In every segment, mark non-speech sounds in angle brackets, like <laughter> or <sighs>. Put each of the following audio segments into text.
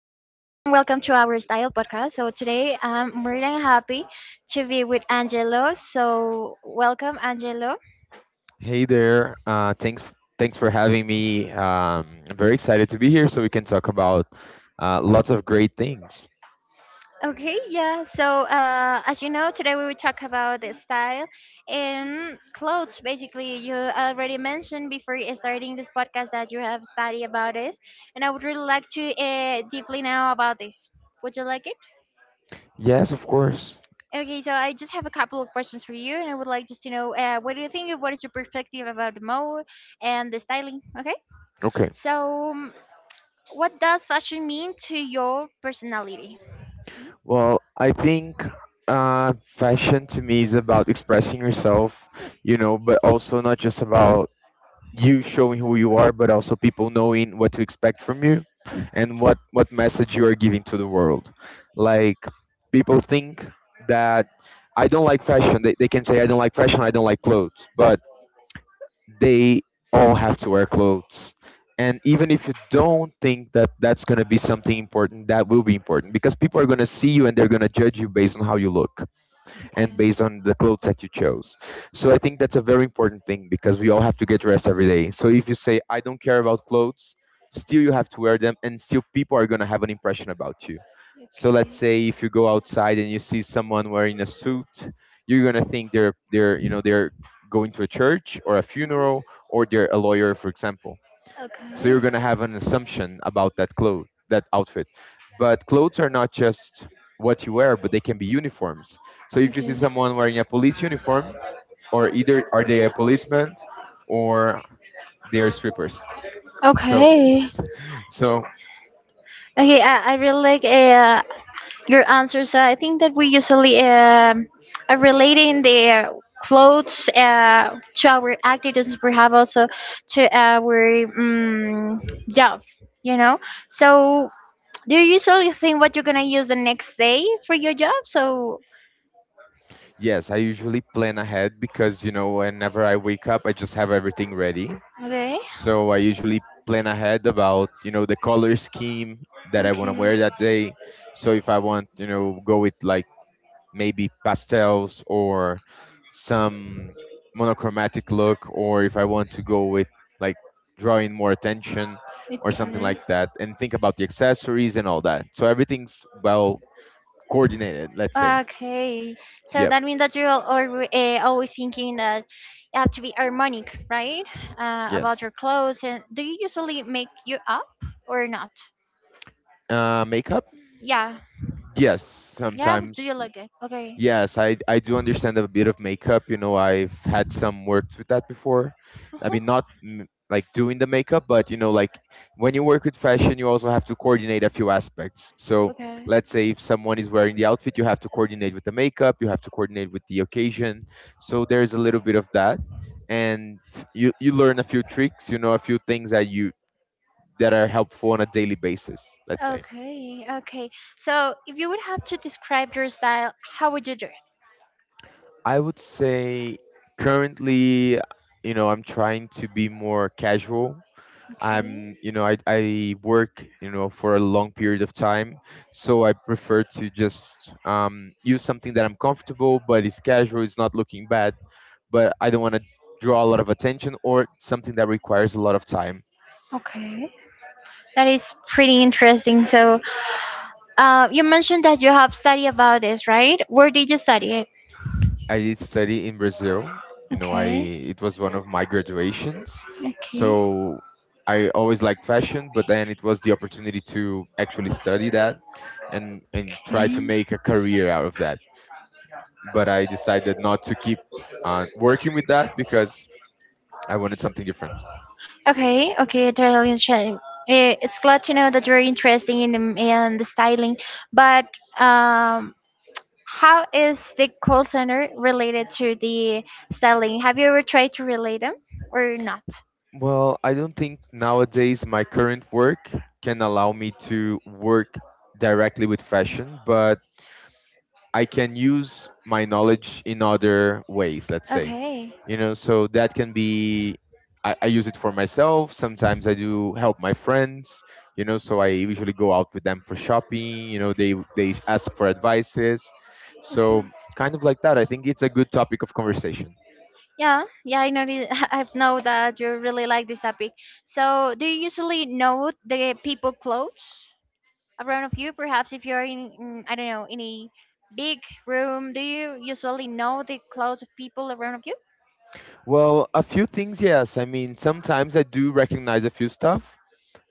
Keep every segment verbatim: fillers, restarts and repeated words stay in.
Welcome to our style podcast. So, today I'm more than happy to be with Angelo. So, welcome, Angelo. Hey there. Uh, thanks thanks for having me. Um, I'm very excited to be here so we can talk about uh, lots of great things. Okay, yeah. So, uh, as you know, today we will talk about the style and clothes. Basically, you already mentioned before starting this podcast that you have studied about this, and I would really like to uh, deeply know about this. Would you like it? Yes, of course. Okay, so I just have a couple of questions for you, and I would like just to know uh, what do you think? of- What is your perspective about the mode and the styling? Okay, Okay. so um, what does fashion mean to your personality? Well, I think uh, fashion to me is about expressing yourself, you know, but also not just about you showing who you are, but also people knowing what to expect from you and what what message you are giving to the world. Like people think that I don't like fashion. They, they can say I don't like fashion. I don't like clothes, but they all have to wear clothes. And even if you don't think that that's going to be something important, that will be important because people are going to see you and they're going to judge you based on how you look and Okay. based on the clothes that you chose. So I think that's a very important thing because we all have to get dressed every day. So if you say I don't care about clothes, still you have to wear them and still people are going to have an impression about you. So let's say if you go outside and you see someone wearing a suit, you're going to think they're they're, you know, they're going to a church or a funeral or they're a lawyer, for example. So Okay. you're going to have an assumption about that clothes, that outfit, but clothes are not just what you wear, but they can be uniforms. So if you see Okay. someone wearing a police uniform, or Okay. either are they a policeman or they are strippers. so Okay. so Okay, I, I really like uh, your answer. So I think that we usually um are relating the clothes uh, to our activities, perhaps also to our um, job, you know? So do you usually think what you're going to use the next day for your job? So, yes, I usually plan ahead because, you know, whenever I wake up I just have everything ready. okay. So I usually plan ahead about, you know, the color scheme that I want to wear that day. So if I want, you know, go with like maybe pastels or some monochromatic look, or if I want to go with like drawing more attention Okay. or something Okay. like that, and think about the accessories and all that. So everything's well coordinated, let's say. Okay, so Yep. that means that you're always, uh, always thinking that you have to be harmonic, right? Uh, about Yes. your clothes. And do you usually make you up or not? Uh, makeup? Yeah, Yes, yeah. Do you sometimes. like it? Okay. Yes, I I do understand a bit of makeup. You know, I've had some works with that before. I mean, Uh-huh. not m- like doing the makeup, but you know, like when you work with fashion, you also have to coordinate a few aspects. So Okay. let's say if someone is wearing the outfit, you have to coordinate with the makeup, you have to coordinate with the occasion. So there's a little bit of that, and you you learn a few tricks, you know, a few things that you that are helpful on a daily basis, let's say. Okay. Okay. So if you would have to describe your style, how would you do it? I would say currently, you know, I'm trying to be more casual. Okay. I'm, you know, I, I work, you know, for a long period of time. So I prefer to just um, use something that I'm comfortable, but it's casual, it's not looking bad, but I don't want to draw a lot of attention or something that requires a lot of time. Okay, that is pretty interesting. So, uh, you mentioned that you have studied about this, right? Where did you study it? I did study in Brazil. You know, I Okay, it was one of my graduations. okay, So I always liked fashion, but then it was the opportunity to actually study that and and okay, try to make a career out of that. But I decided not to keep on working with that because I wanted something different. okay, okay. Totally interesting. Eh, It's glad to know that you're interested in the, in the styling, but um, how is the call center related to the styling? Have you ever tried to relate them or not? Well, I don't think nowadays my current work can allow me to work directly with fashion, but I can use my knowledge in other ways, let's say. Okay, You know, so that can be I, I use it for myself. Sometimes I do help my friends, you know, so I usually go out with them for shopping, you know, they they ask for advices. okay. So kind of like that. I think it's a good topic of conversation. Yeah, yeah, I noticed. <laughs> I know that you really like this topic. So, do you usually note the people clothes around of you? Perhaps if you're in, in I don't know, in a big room, do you usually know the clothes of people around of you? Well, a few things, yes. I mean, sometimes I do recognize a few stuff.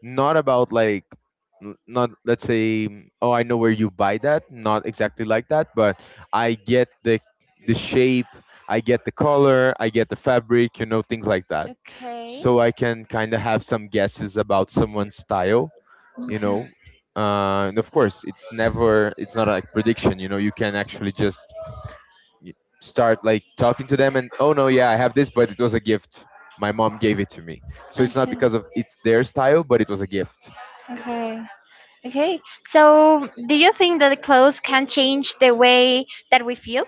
Not about like, n- not let's say, mm, oh I know where you buy that, not exactly like that, but I get the the shape, I get the color, I get the fabric, you know, things like that. Okay. So I can kind of have some guesses about someone's style, you know. Uh, and of course it's never, it's not like prediction, you know, you can actually just y- start like talking to them and, oh no, yeah, I have this, but it was a gift, my mom gave it to me. So Okay. it's not because of it's their style, but it was a gift. Okay. Okay. So, do you think that the clothes can change the way that we feel?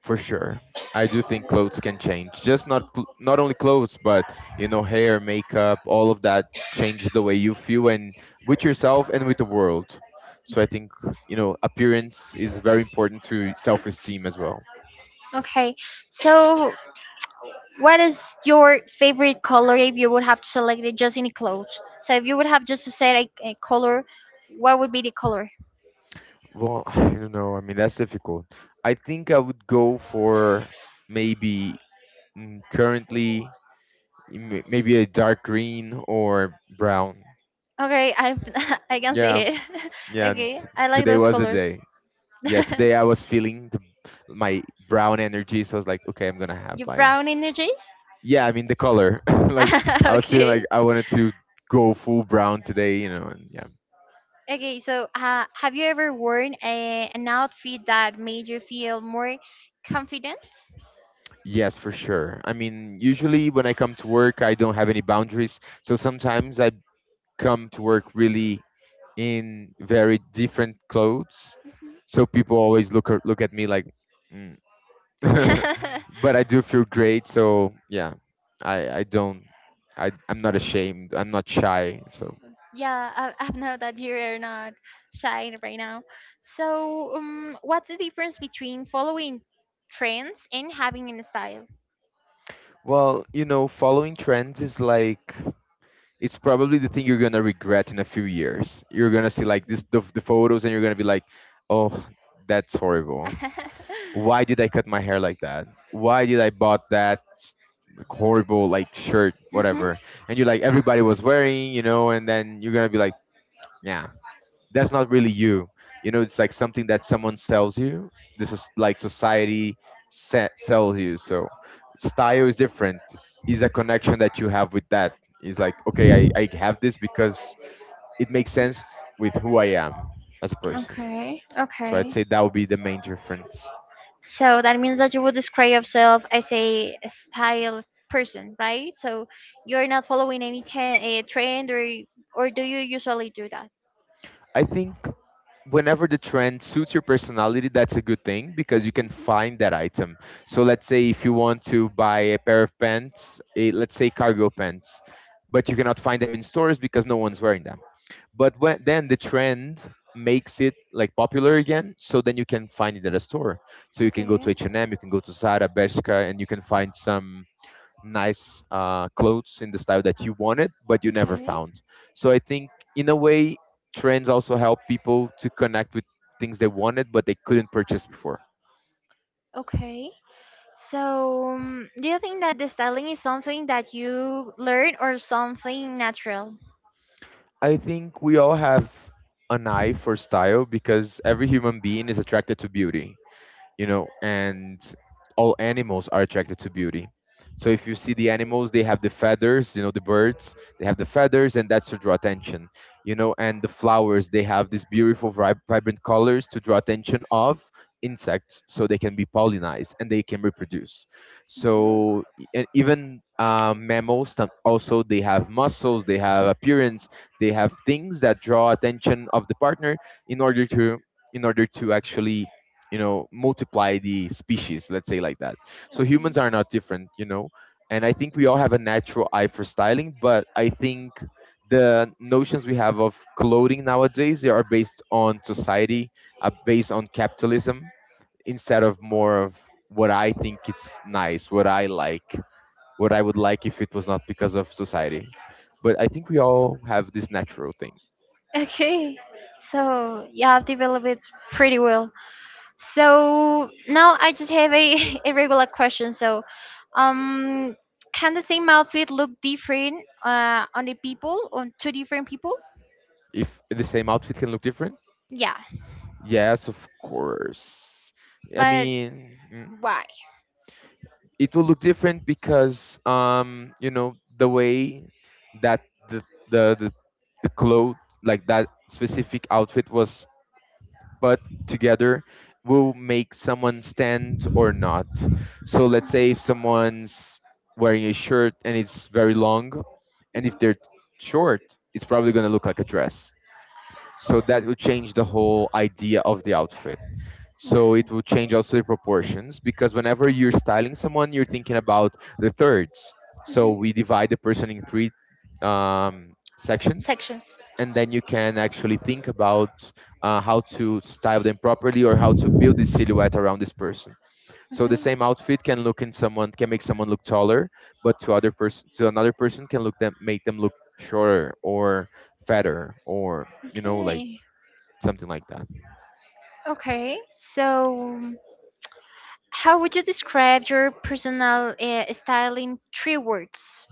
For sure. I do think clothes can change. Just not cl- not only clothes, but you know, hair, makeup, all of that changes the way you feel and with yourself and with the world. So I think, you know, appearance is very important to self-esteem as well. Okay. So, what is your favorite color if you would have to select it just in clothes? So if you would have just to say a, a color, what would be the color? Well, <laughs> <sighs> I don't know. I mean, that's difficult. I think I would go for maybe, mm, currently, m- maybe a dark green or brown. Okay, I <laughs> I can see Yeah, it. <laughs> yeah. Okay, T- I like Today those was a colors. day. <laughs> Yeah, today I was feeling the, my brown energy, so I was like, okay, I'm gonna have You my. brown energies? Yeah, I mean the color. <laughs> Like <laughs> I was feeling Okay. like I wanted to go full brown today, you know, and yeah. Okay, so uh, have you ever worn a, an outfit that made you feel more confident? Yes, for sure. I mean, usually when I come to work, I don't have any boundaries, so sometimes I come to work really in very different clothes, Mhm. so people always look ar- look at me like. "Hmm, <laughs> <laughs> but I do feel great. So yeah, I I don't, I I'm not ashamed. I'm not shy. So, Yeah, I, I know that you're not shy right now. So, um, what's the difference between following trends and having a style? well, you know, following trends is like, it's probably the thing you're gonna regret in a few years. You're gonna see like this the, the photos, and you're gonna be like, oh, that's horrible. <laughs> Why did I cut my hair like that? Why did I bought that s- like, horrible like shirt, Mhm. whatever? And you're like, everybody was wearing, you know, and then you're gonna be like. "Yeah, that's not really you, you know, it's like something that someone sells you, this is like society se- sells you. So style is different, is a connection that you have with that. It's like okay, I, I have this because it makes sense with who I am as a person. Okay, So I'd okay. say that would be the main difference. So that means that you would describe yourself as a style person, right? So you're not following any ten, a trend, or or do you usually do that? I think whenever the trend suits your personality, that's a good thing because you can find that item. So let's say if you want to buy a pair of pants, eh, let's say cargo pants, but you cannot find them in stores because no one's wearing them. But when, then the trend makes it like popular again, so then you can find it at a store. So you can go to Okay. H and M, you can go to Zara, Bershka, and you can find some nice uh, clothes in the style that you wanted, but you never Okay. found. So I think, in a way, trends also help people to connect with things they wanted, but they couldn't purchase before. Okay. So, um, do you think that the styling is something that you learn or something natural? I think we all have an eye for style because every human being is attracted to beauty. You know, and all animals are attracted to beauty. So if you see the animals, they have the feathers, you know, the birds, they have the feathers, and that's to draw attention, you know, and the flowers, they have these beautiful, vib- vibrant colors to draw attention of insects so they can be pollinized and they can reproduce. Okay. So e- and even um, mammals, some- also they have muscles, they have appearance, they have things that draw attention of the partner in order to, in order to actually, you know, multiply the species, let's say like that. So humans are not different, you know, and I think we all have a natural eye for styling, but I think the notions we have of clothing nowadays, they are based on society, are based on capitalism instead of more of what I think it's nice, what I like, what I would like if it was not because of society. But I think we all have this natural thing. Okay. So you have developed it pretty well. So now I just have a, <laughs> a regular question. So, um, can the same outfit look different uh, on the people, on two different people? If the same outfit can look different. Yeah, Yes, of course. I but mean, mm, why? it will look different because um, you know, the way that the the the, the clothes, like that specific outfit was put together, will make someone stand or not. So let's say if someone's wearing a shirt and it's very long, and if they're short, it's probably going to look like a dress. So that will change the whole idea of the outfit. So it will change also the proportions because whenever you're styling someone, you're thinking about the thirds. So Mm-hmm. we divide the person in three um, sections, Sections. and then you can actually think about uh, how to style them properly or how to build the silhouette around this person. So the same Mhm. outfit can look in someone can make someone look taller, but to other person to another person can look them make them look shorter or fatter or you know like Okay. something like that. Okay. So, how would you describe your personal uh, style in three words?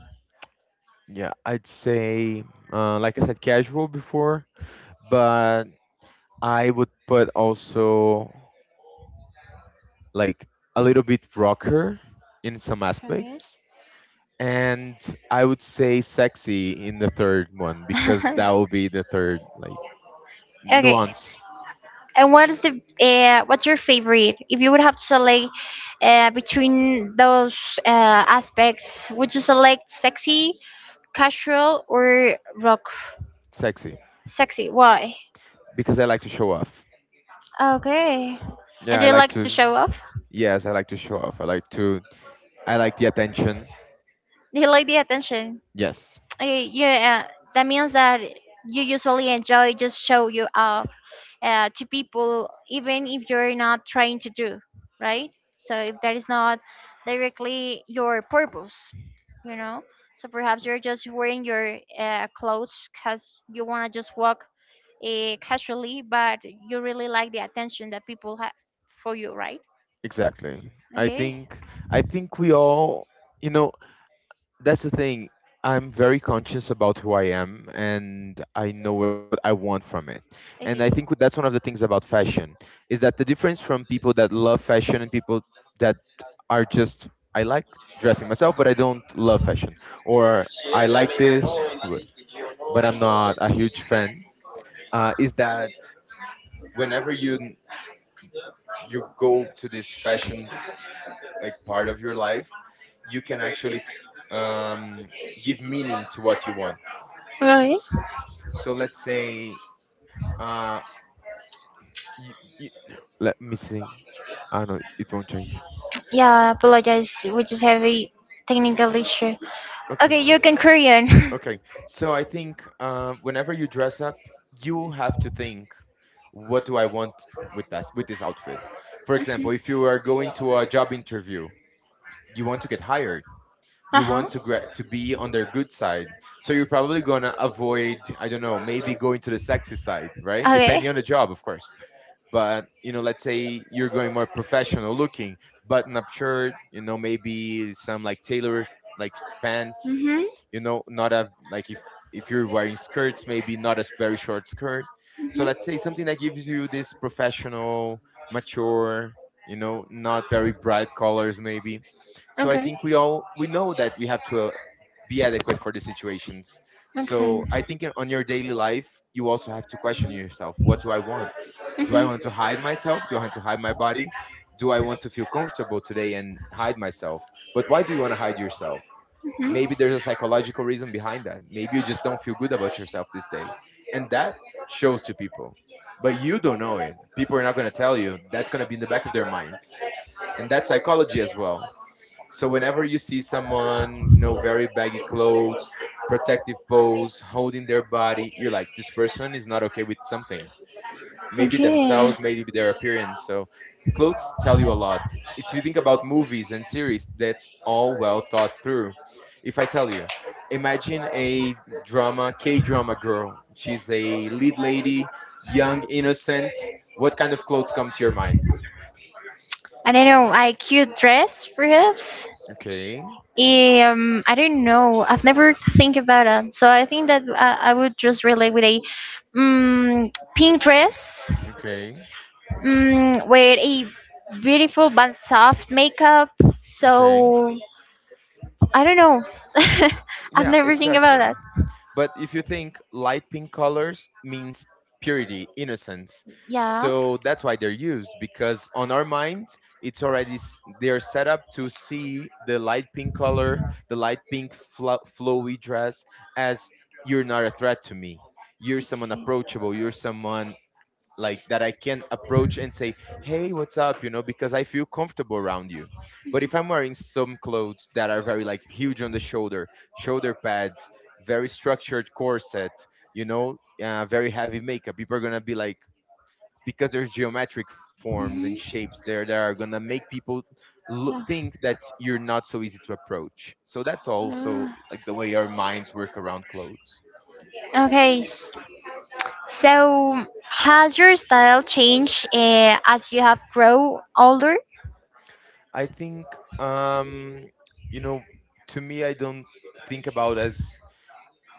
Yeah, I'd say, uh, like I said, casual before, but I would put also like a little bit rocker in some Okay. aspects. And I would say sexy in the third one because that will <laughs> be the third like Okay. nuance, And what is the uh, what's your favorite? If you would have to select uh, between those uh, aspects, would you select sexy, casual, or rock? sexy, Sexy. Why? because I like to show off. Okay. And Yeah, do I you like like to to, show off? yes, I like to show off. I like to, I like the attention. Do you like the attention? Yes, Okay, yeah, uh, that means that you usually enjoy just show you up uh, to people, even if you're not trying to do, right? So if that is not directly your purpose, you know, so perhaps you're just wearing your uh, clothes because you want to just walk uh, casually, but you really like the attention that people have for you, right? exactly. I Okay, think, I think we all you know that's the thing. I'm very conscious about who I am, and I know wh- what I want from it. And I okay, think that's one of the things about fashion is that the difference from people that love fashion and people that are just I like dressing myself, but I don't love fashion, or I like this, but but I'm not a huge fan. Uh, is that whenever you n- you go to this fashion like part of your life, you can actually um, give meaning to what you want. right. S- So let's say, uh, you, you, let me see. I know it won't change. Yeah, apologize, we just have a technical issue. Okay. Okay, you can Korean. <laughs> Okay. So I think um, whenever you dress up, you have to think, what do I want with that with this outfit? For example, if you are going to a job interview, you want to get hired. Uh You huh. want to gra- to be on their good side. So you're probably gonna avoid, I don't know, maybe going to the sexy side, right? Okay. Depending on the job, of course. But you know, let's say you're going more professional looking, button up shirt, you know, maybe some like tailored like pants, Mhm. you know, not a like if if you're wearing skirts maybe not a very short skirt. Mhm. So let's say something that Okay. gives you this professional mature, you know, not very bright colors maybe. So I Okay. Mhm. Mhm. Okay. think we all we know that we have to uh, be adequate for the situations. So I think in- on your daily life you also have to question yourself, what do I want? Do I want to hide myself? Do I want to hide my body? Do I want to feel comfortable today and hide myself? But why do you want to hide yourself? Maybe there's a psychological reason behind that. Maybe you just don't feel good about yourself this day, and that shows to people, but you don't know it. People are not going to tell you. That's going to be in the back of their minds, and that's psychology as well. So whenever you see someone, you know, very baggy clothes, protective pose, holding their body, you're like, this person is not okay with something, maybe themselves, maybe their appearance. So clothes tell you a lot. If you think about movies and series, that's all well thought through. If I tell you, imagine a drama, K drama girl. She's a lead lady, young, innocent. What kind of clothes come to your mind? I don't know. I cute dress, perhaps. Okay, Um, I don't know. I've never think about it. So I think that I, I would just relate with a um, pink dress, okay, um, with a beautiful but soft makeup. okay. So I don't know. <laughs> I've Yeah, never think about exactly. that. But if you think, light pink colors means purity, innocence. Yeah. So that's why they're used, because on our minds it's already s- they are set up to see the light pink color, the light pink flo- flowy dress as, you're not a threat to me. You're someone approachable, you're someone like that I can approach and say, "Hey, what's up?" you know, because I feel comfortable around you. But if I'm wearing some clothes that are very like huge on the shoulder, shoulder pads, very structured corset, you know, uh, very heavy makeup, people are gonna be like, because there's geometric forms and Mhm. shapes there that are gonna make people lo- think that you're not so easy to approach. So that's also like the way Yeah. our minds work around clothes. Yeah. Okay. So, has your style changed uh, as you have grown older? I think, um, you know, to me, I don't think about as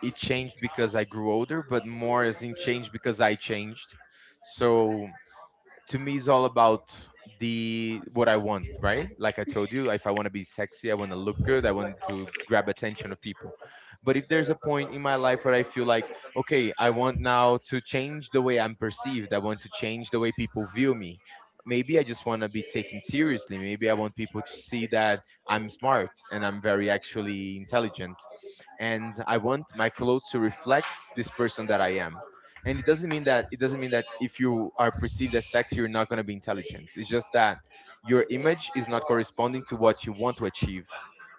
it changed because I grew older, but more as in changed because I changed. So to me is all about the what I want, right? Like I told you, if I want to be sexy, I want to look good, I want to grab attention of people. But if there's a point in my life where I feel like, okay, I want now to change the way I'm perceived, I want to change the way people view me. Maybe I just want to be taken seriously. Maybe I want people to see that I'm smart and I'm very actually intelligent. And I want my clothes to reflect this person that I am. And it doesn't mean that it doesn't mean that if you are perceived as sexy you're not going to be intelligent. It's just that your image is not corresponding to what you want to achieve.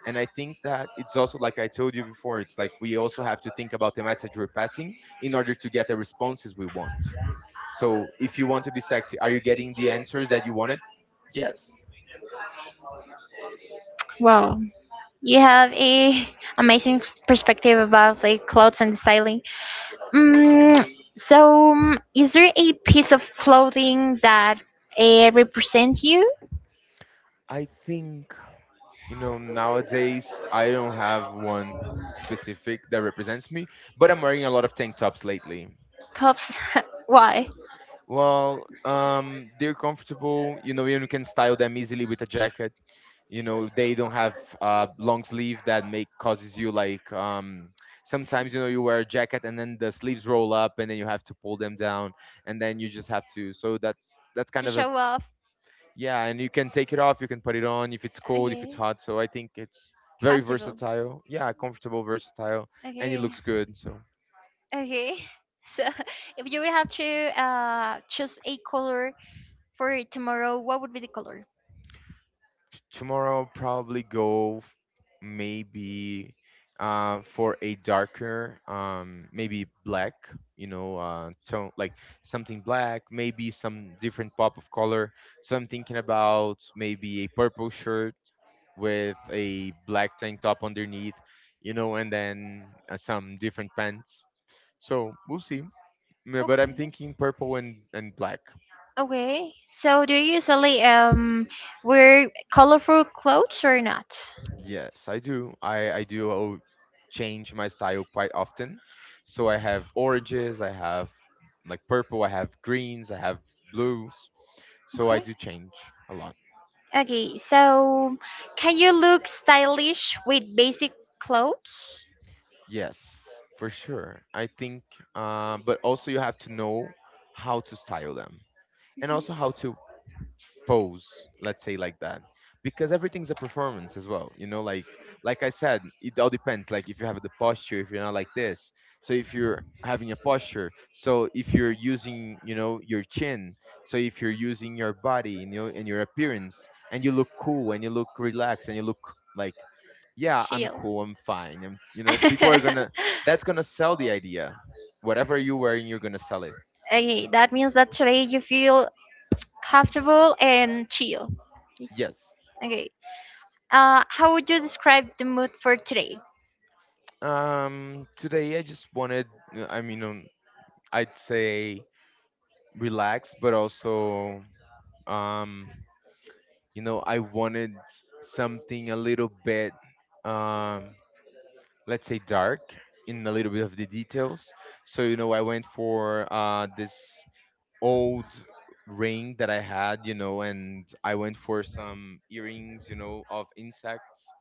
And I think that it's also, like I told you before, it's like we also have to think about the message we're passing in order to get the responses we want. So if you want to be sexy, are you getting the answers that you wanted? Yes. Wow. You have a <laughs> amazing perspective about like clothes and styling. Mm, so, um, is there a piece of clothing that uh, represents you? I think, you know, nowadays I don't have one specific that represents me, but I'm wearing a lot of tank tops lately. Perhaps <laughs> why? Well, um, they're comfortable. You know, and you can style them easily with a jacket. You know, they don't have uh, long sleeve that make causes you like um, sometimes, you know, you wear a jacket and then the sleeves roll up and then you have to pull them down and then you just have to. So that's that's To kind of a, show off? yeah. And you can take it off. You can put it on if it's cold, if it's Okay, hot. So I think it's very comfortable. versatile. Yeah, comfortable, versatile, and it Okay. looks good. So. Okay. <laughs> So, if you would have to uh choose a color for tomorrow, what would be the color? Tomorrow I'll probably go f- maybe uh, for a darker, um, maybe black, you know, uh, tone, like something black, maybe some different pop of color. So I'm thinking about maybe a purple shirt with a black tank top underneath, you know, and then uh, some different pants. So we'll see. Yeah, but Okay. I'm thinking purple and, and black. Okay. So, do you usually um wear colorful clothes or not? Yes, I do. I I do, oh, change my style quite often. So I have oranges, I have like purple, I have greens, I have blues. So I Okay. do change a lot. Okay. So, can you look stylish with basic clothes? Yes, for sure. I think, uh, but also you have to know how to style them and also how to pose, let's say, like that, because everything's a performance as well, you know, like like I said, it all depends, like if you have the posture, if you're not like this. So if you're having a posture, so if you're using, you know, your chin, so if you're using your body and your and your appearance, and you look cool and you look relaxed and you look like, yeah, I'm Chill. cool, I'm fine, I'm, you know, people are gonna, <laughs> that's gonna sell the idea. Whatever you're wearing, you're gonna sell it. Okay, that means that today you feel comfortable and chill. Yes. Okay. Uh, how would you describe the mood for today? Um today I just wanted, I mean, um, I'd say relaxed, but also, um, you know, I wanted something a little bit, um, let's say, dark in a little bit of the details. So, you know, I went for uh, this old ring that I had, you know, and I went for some earrings, you know, of insects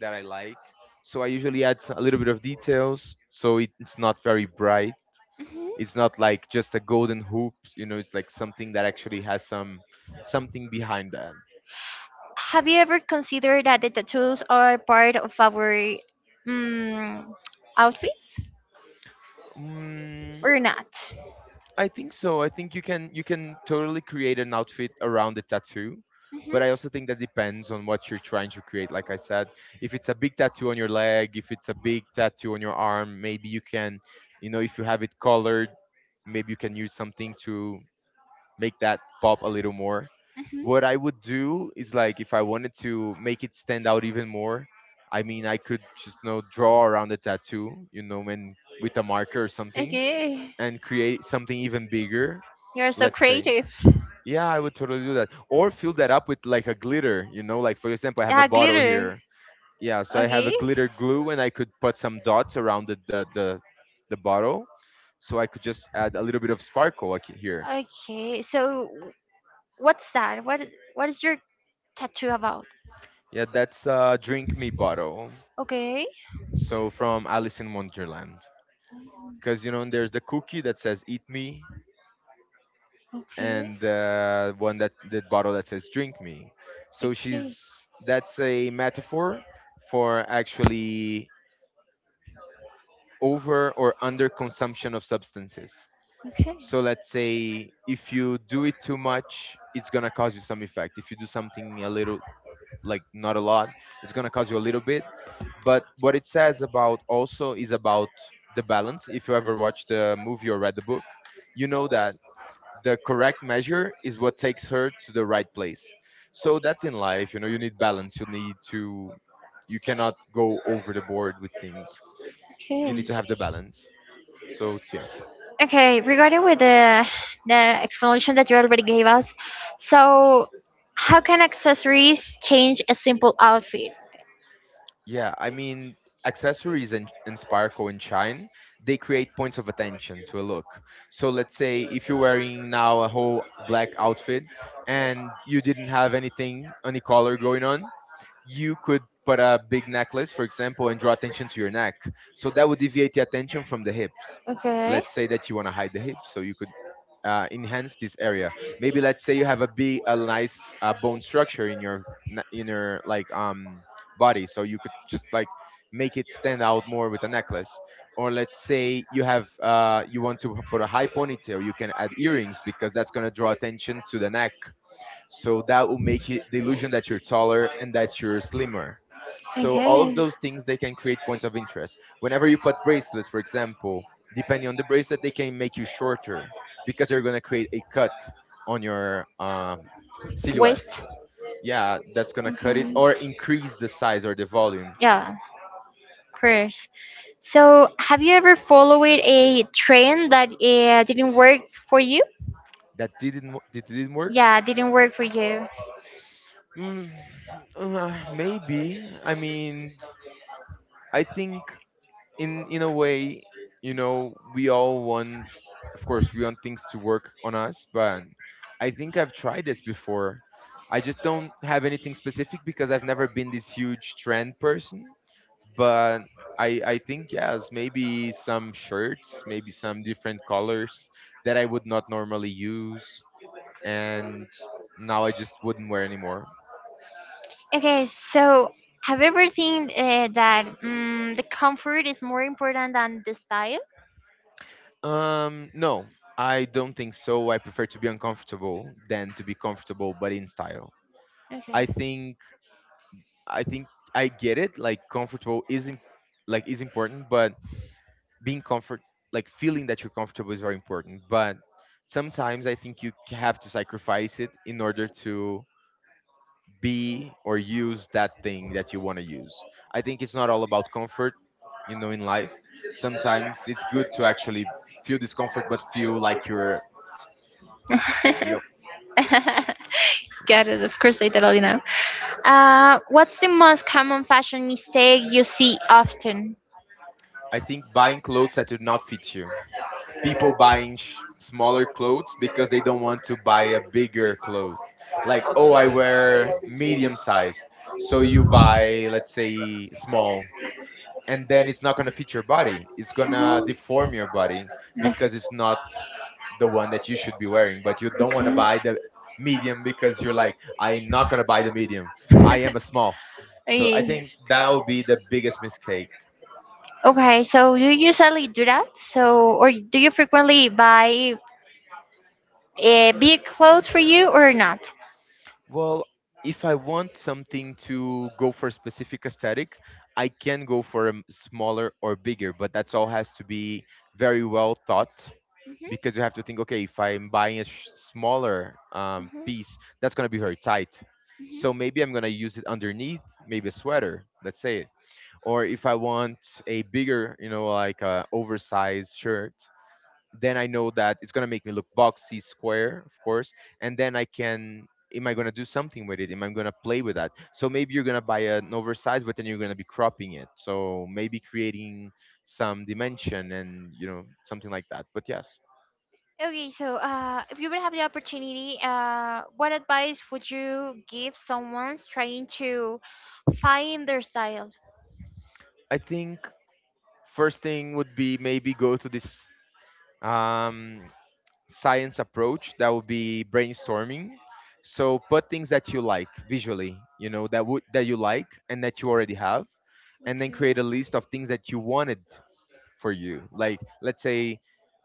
that I like. So I usually add s- a little bit of details, so it's not very bright. Mhm. It's not like just a golden hoop, you know, it's like something that actually has some something behind that. Have you ever considered that the tattoos are part of our mm, outfits Mm, or not? I think so. I think you can you can totally create an outfit around the tattoo, Mhm. but I also think that depends on what you're trying to create. Like I said, if it's a big tattoo on your leg, if it's a big tattoo on your arm, maybe you can, you know, if you have it colored, maybe you can use something to make that pop a little more. Mhm. What I would do is like, if I wanted to make it stand out even more, I mean, I could just, you know, draw around the tattoo, you know, and with a marker or something, Okay. and create something even bigger, You're so let's say. creative. Yeah, I would totally do that. Or fill that up with like a glitter, you know, like, for example, I have Yeah, a bottle glitter. here. Yeah, so I have a Okay. glitter glue and I could put some dots around the the the, the bottle. So I could just add a little bit of sparkle like here. Okay. So what's that? What what is your tattoo about? Yeah, that's a drink me bottle. Okay. So from Alice in Wonderland. Because you know there's the cookie that says eat me Okay. and the one that the bottle that says drink me. So Okay. she's, that's a metaphor for actually over or under consumption of substances. Okay. So let's say if you do it too much, it's gonna cause you some effect. If you do something a little, like not a lot, it's going to cost you a little bit, but what it says about also is about the balance. If you ever watched the movie or read the book, you know that the correct measure is what takes her to the right place. So that's in life, you know, you need balance, you need to, you cannot go over the board with things, you Okay. need to have the balance, so yeah. Okay, regarding with the the explanation that you already gave us, so how can accessories change a simple outfit? Yeah, I mean, accessories in, in Sparkle and Shine, they create points of attention to a look. So let's say if you're wearing now a whole black outfit and you didn't have anything, any color going on, you could put a big necklace, for example, and draw attention to your neck. So that would deviate the attention from the hips. Okay. Let's say that you want to hide the hips, so you could uh, enhance this area. Maybe let's say you have a big, a nice uh, bone structure in your ne- in your, like, um body, so you could just, like, make it stand out more with a necklace. Or let's say you have uh, you want to put a high ponytail, you can add earrings because that's gonna draw attention to the neck, so that will make it the illusion that you're taller and that you're slimmer. So all of Okay. those things, they can create points of interest. Whenever you put bracelets, for example, depending on the bracelet, they can make you shorter because they're gonna create a cut on your um, Waist. silhouette. Yeah, that's gonna cut it or increase the size or the volume. Yeah, of course. So, have you ever followed a trend that uh, didn't work for you? That didn't wo- that didn't work. Yeah, didn't work for you. Mm, uh, Maybe. I mean, I think, in in a way, you know, we all want, of course, we want things to work on us. But I think I've tried this before. I just don't have anything specific because I've never been this huge trend person. But I I think yes, maybe some shirts, maybe some different colors that I would not normally use, and now I just wouldn't wear anymore. Okay, so have you ever think uh, that mm the comfort is more important than the style? Um, no, I don't think so. I prefer to be uncomfortable than to be comfortable, but in style. I Okay. think I think I get it. Like comfortable is im- like is important, but being comfort, like feeling that you're comfortable is very important. But sometimes I think you c- have to sacrifice it in order to be or use that thing that you want to use. I think it's not all about comfort, you know, in life. Sometimes it's good to actually feel discomfort, but feel like you're yo So, Get Uh, what's the most common fashion mistake you see often? I think buying clothes that do not fit you. People buying sh- smaller clothes because they don't want to buy a bigger clothes. Like, oh, I <laughs> wear medium size. So you buy, let's say, small. And then it's not going to fit your body. It's going to deform your body because it's not the one that you should be wearing. But you don't want to buy the medium because you're like, I'm not going to buy the medium. I am a small. So I Okay. think that would be the biggest mistake. Okay, so you usually do that? So, or do you frequently buy uh, big clothes for you or not? Well, if I want something to go for a specific aesthetic, I can go for a m- smaller or bigger, but that's all has to be very well thought, Mhm. Mhm. because you have to think, okay, if I'm buying a sh- smaller um, Mhm. piece, that's going to be very tight. So maybe I'm going to use it underneath, maybe a sweater, let's say it. Or if I want a bigger, you know, like a oversized shirt, then I know that it's gonna make me look boxy, square, of course, and then I can. Am I gonna do something with it? Am I gonna play with that? So maybe you're gonna buy an oversized, but then you're gonna be cropping it. So maybe creating some dimension and you know something like that. But yes, Okay, so uh, if you would have the opportunity, uh, what advice would you give someone trying to find their style? I think first thing would be maybe go to this um science approach that would be brainstorming. So put things that you like visually, you know, that would, that you like and that you already have, and then Okay. create a list of things that you wanted for you, like, let's say,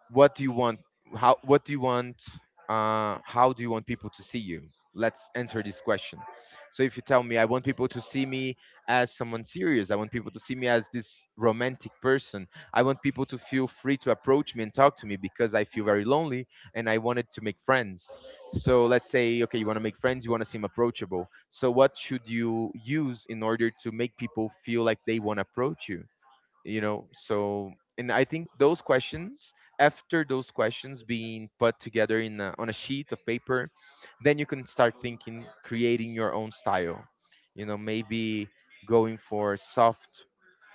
what do you want, how, what do you want, uh, how do you want people to see you. Let's answer this question. So if you tell me I want people to see me as someone serious, I want people to see me as this romantic person, I want people to feel free to approach me and talk to me because I feel very lonely and I wanted to make friends. So let's say, okay, you want to make friends, you want to seem approachable, so what should you use in order to make people feel like they want to approach you, you know? So, and I think those questions, after those questions being put together in a, on a sheet of paper, then you can start thinking creating your own style, you know, maybe going for soft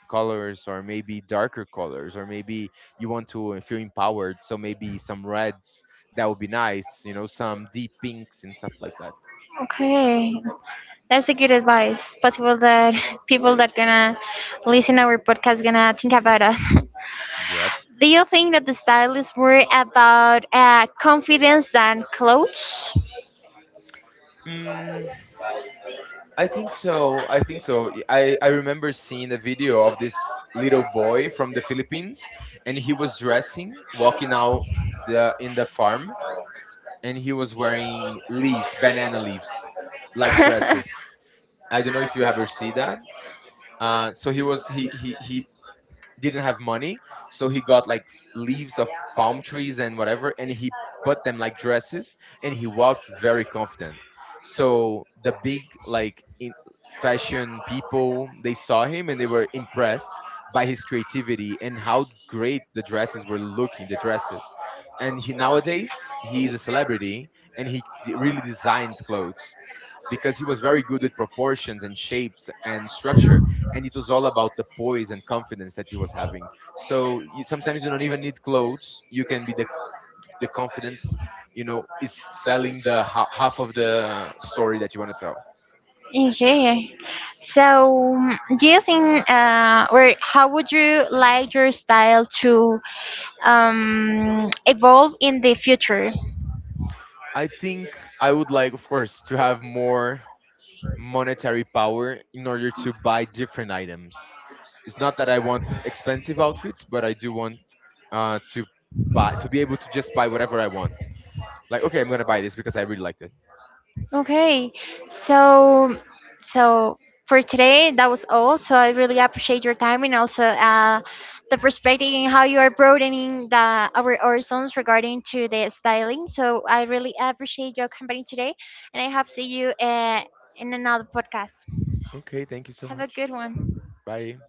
colors or maybe darker colors, or maybe you want to feel empowered, so maybe some reds, that would be nice, you know, some deep pinks and stuff like that. Okay. That's a good advice. Possible that <laughs> people that gonna listen our podcast gonna think about us. Yep. <laughs> Do you think that the style is more about uh, confidence than clothes? I think so. I think so. Y- I, I remember seeing a video of this little boy from the Philippines, and he was dressing, walking out the in the farm, and he was wearing leaves, banana leaves, like <laughs> dresses. I don't know if you ever see that. Uh, so he was he, he he didn't have money, so he got like leaves of palm trees and whatever, and he put them like dresses, and he walked very confident. So the big, like in fashion people, they saw him and they were impressed by his creativity and how great the dresses were looking, the dresses. And he nowadays he's a celebrity, and he d- really designs clothes because he was very good with proportions and shapes and structure, and it was all about the poise and confidence that he was having. So you, sometimes you don't even need clothes, you can be the the confidence, you know, is selling the ha- half of the story that you want to tell. Okay. So, mm, do you think, uh, or how would you like your style to um, evolve in the future? I think I would like, of course, to have more monetary power in order to buy different items. It's not that I want expensive outfits, but I do want uh, to buy, to be able to just buy whatever I want. Like, okay, I'm gonna buy this because I really liked it. Okay. So so for today that was all. So I really appreciate your time and also uh the perspective and how you are broadening the our horizons regarding to the styling. So I really appreciate your company today and I hope see you uh, in another podcast. Okay, thank you so Have a much. good one. Bye.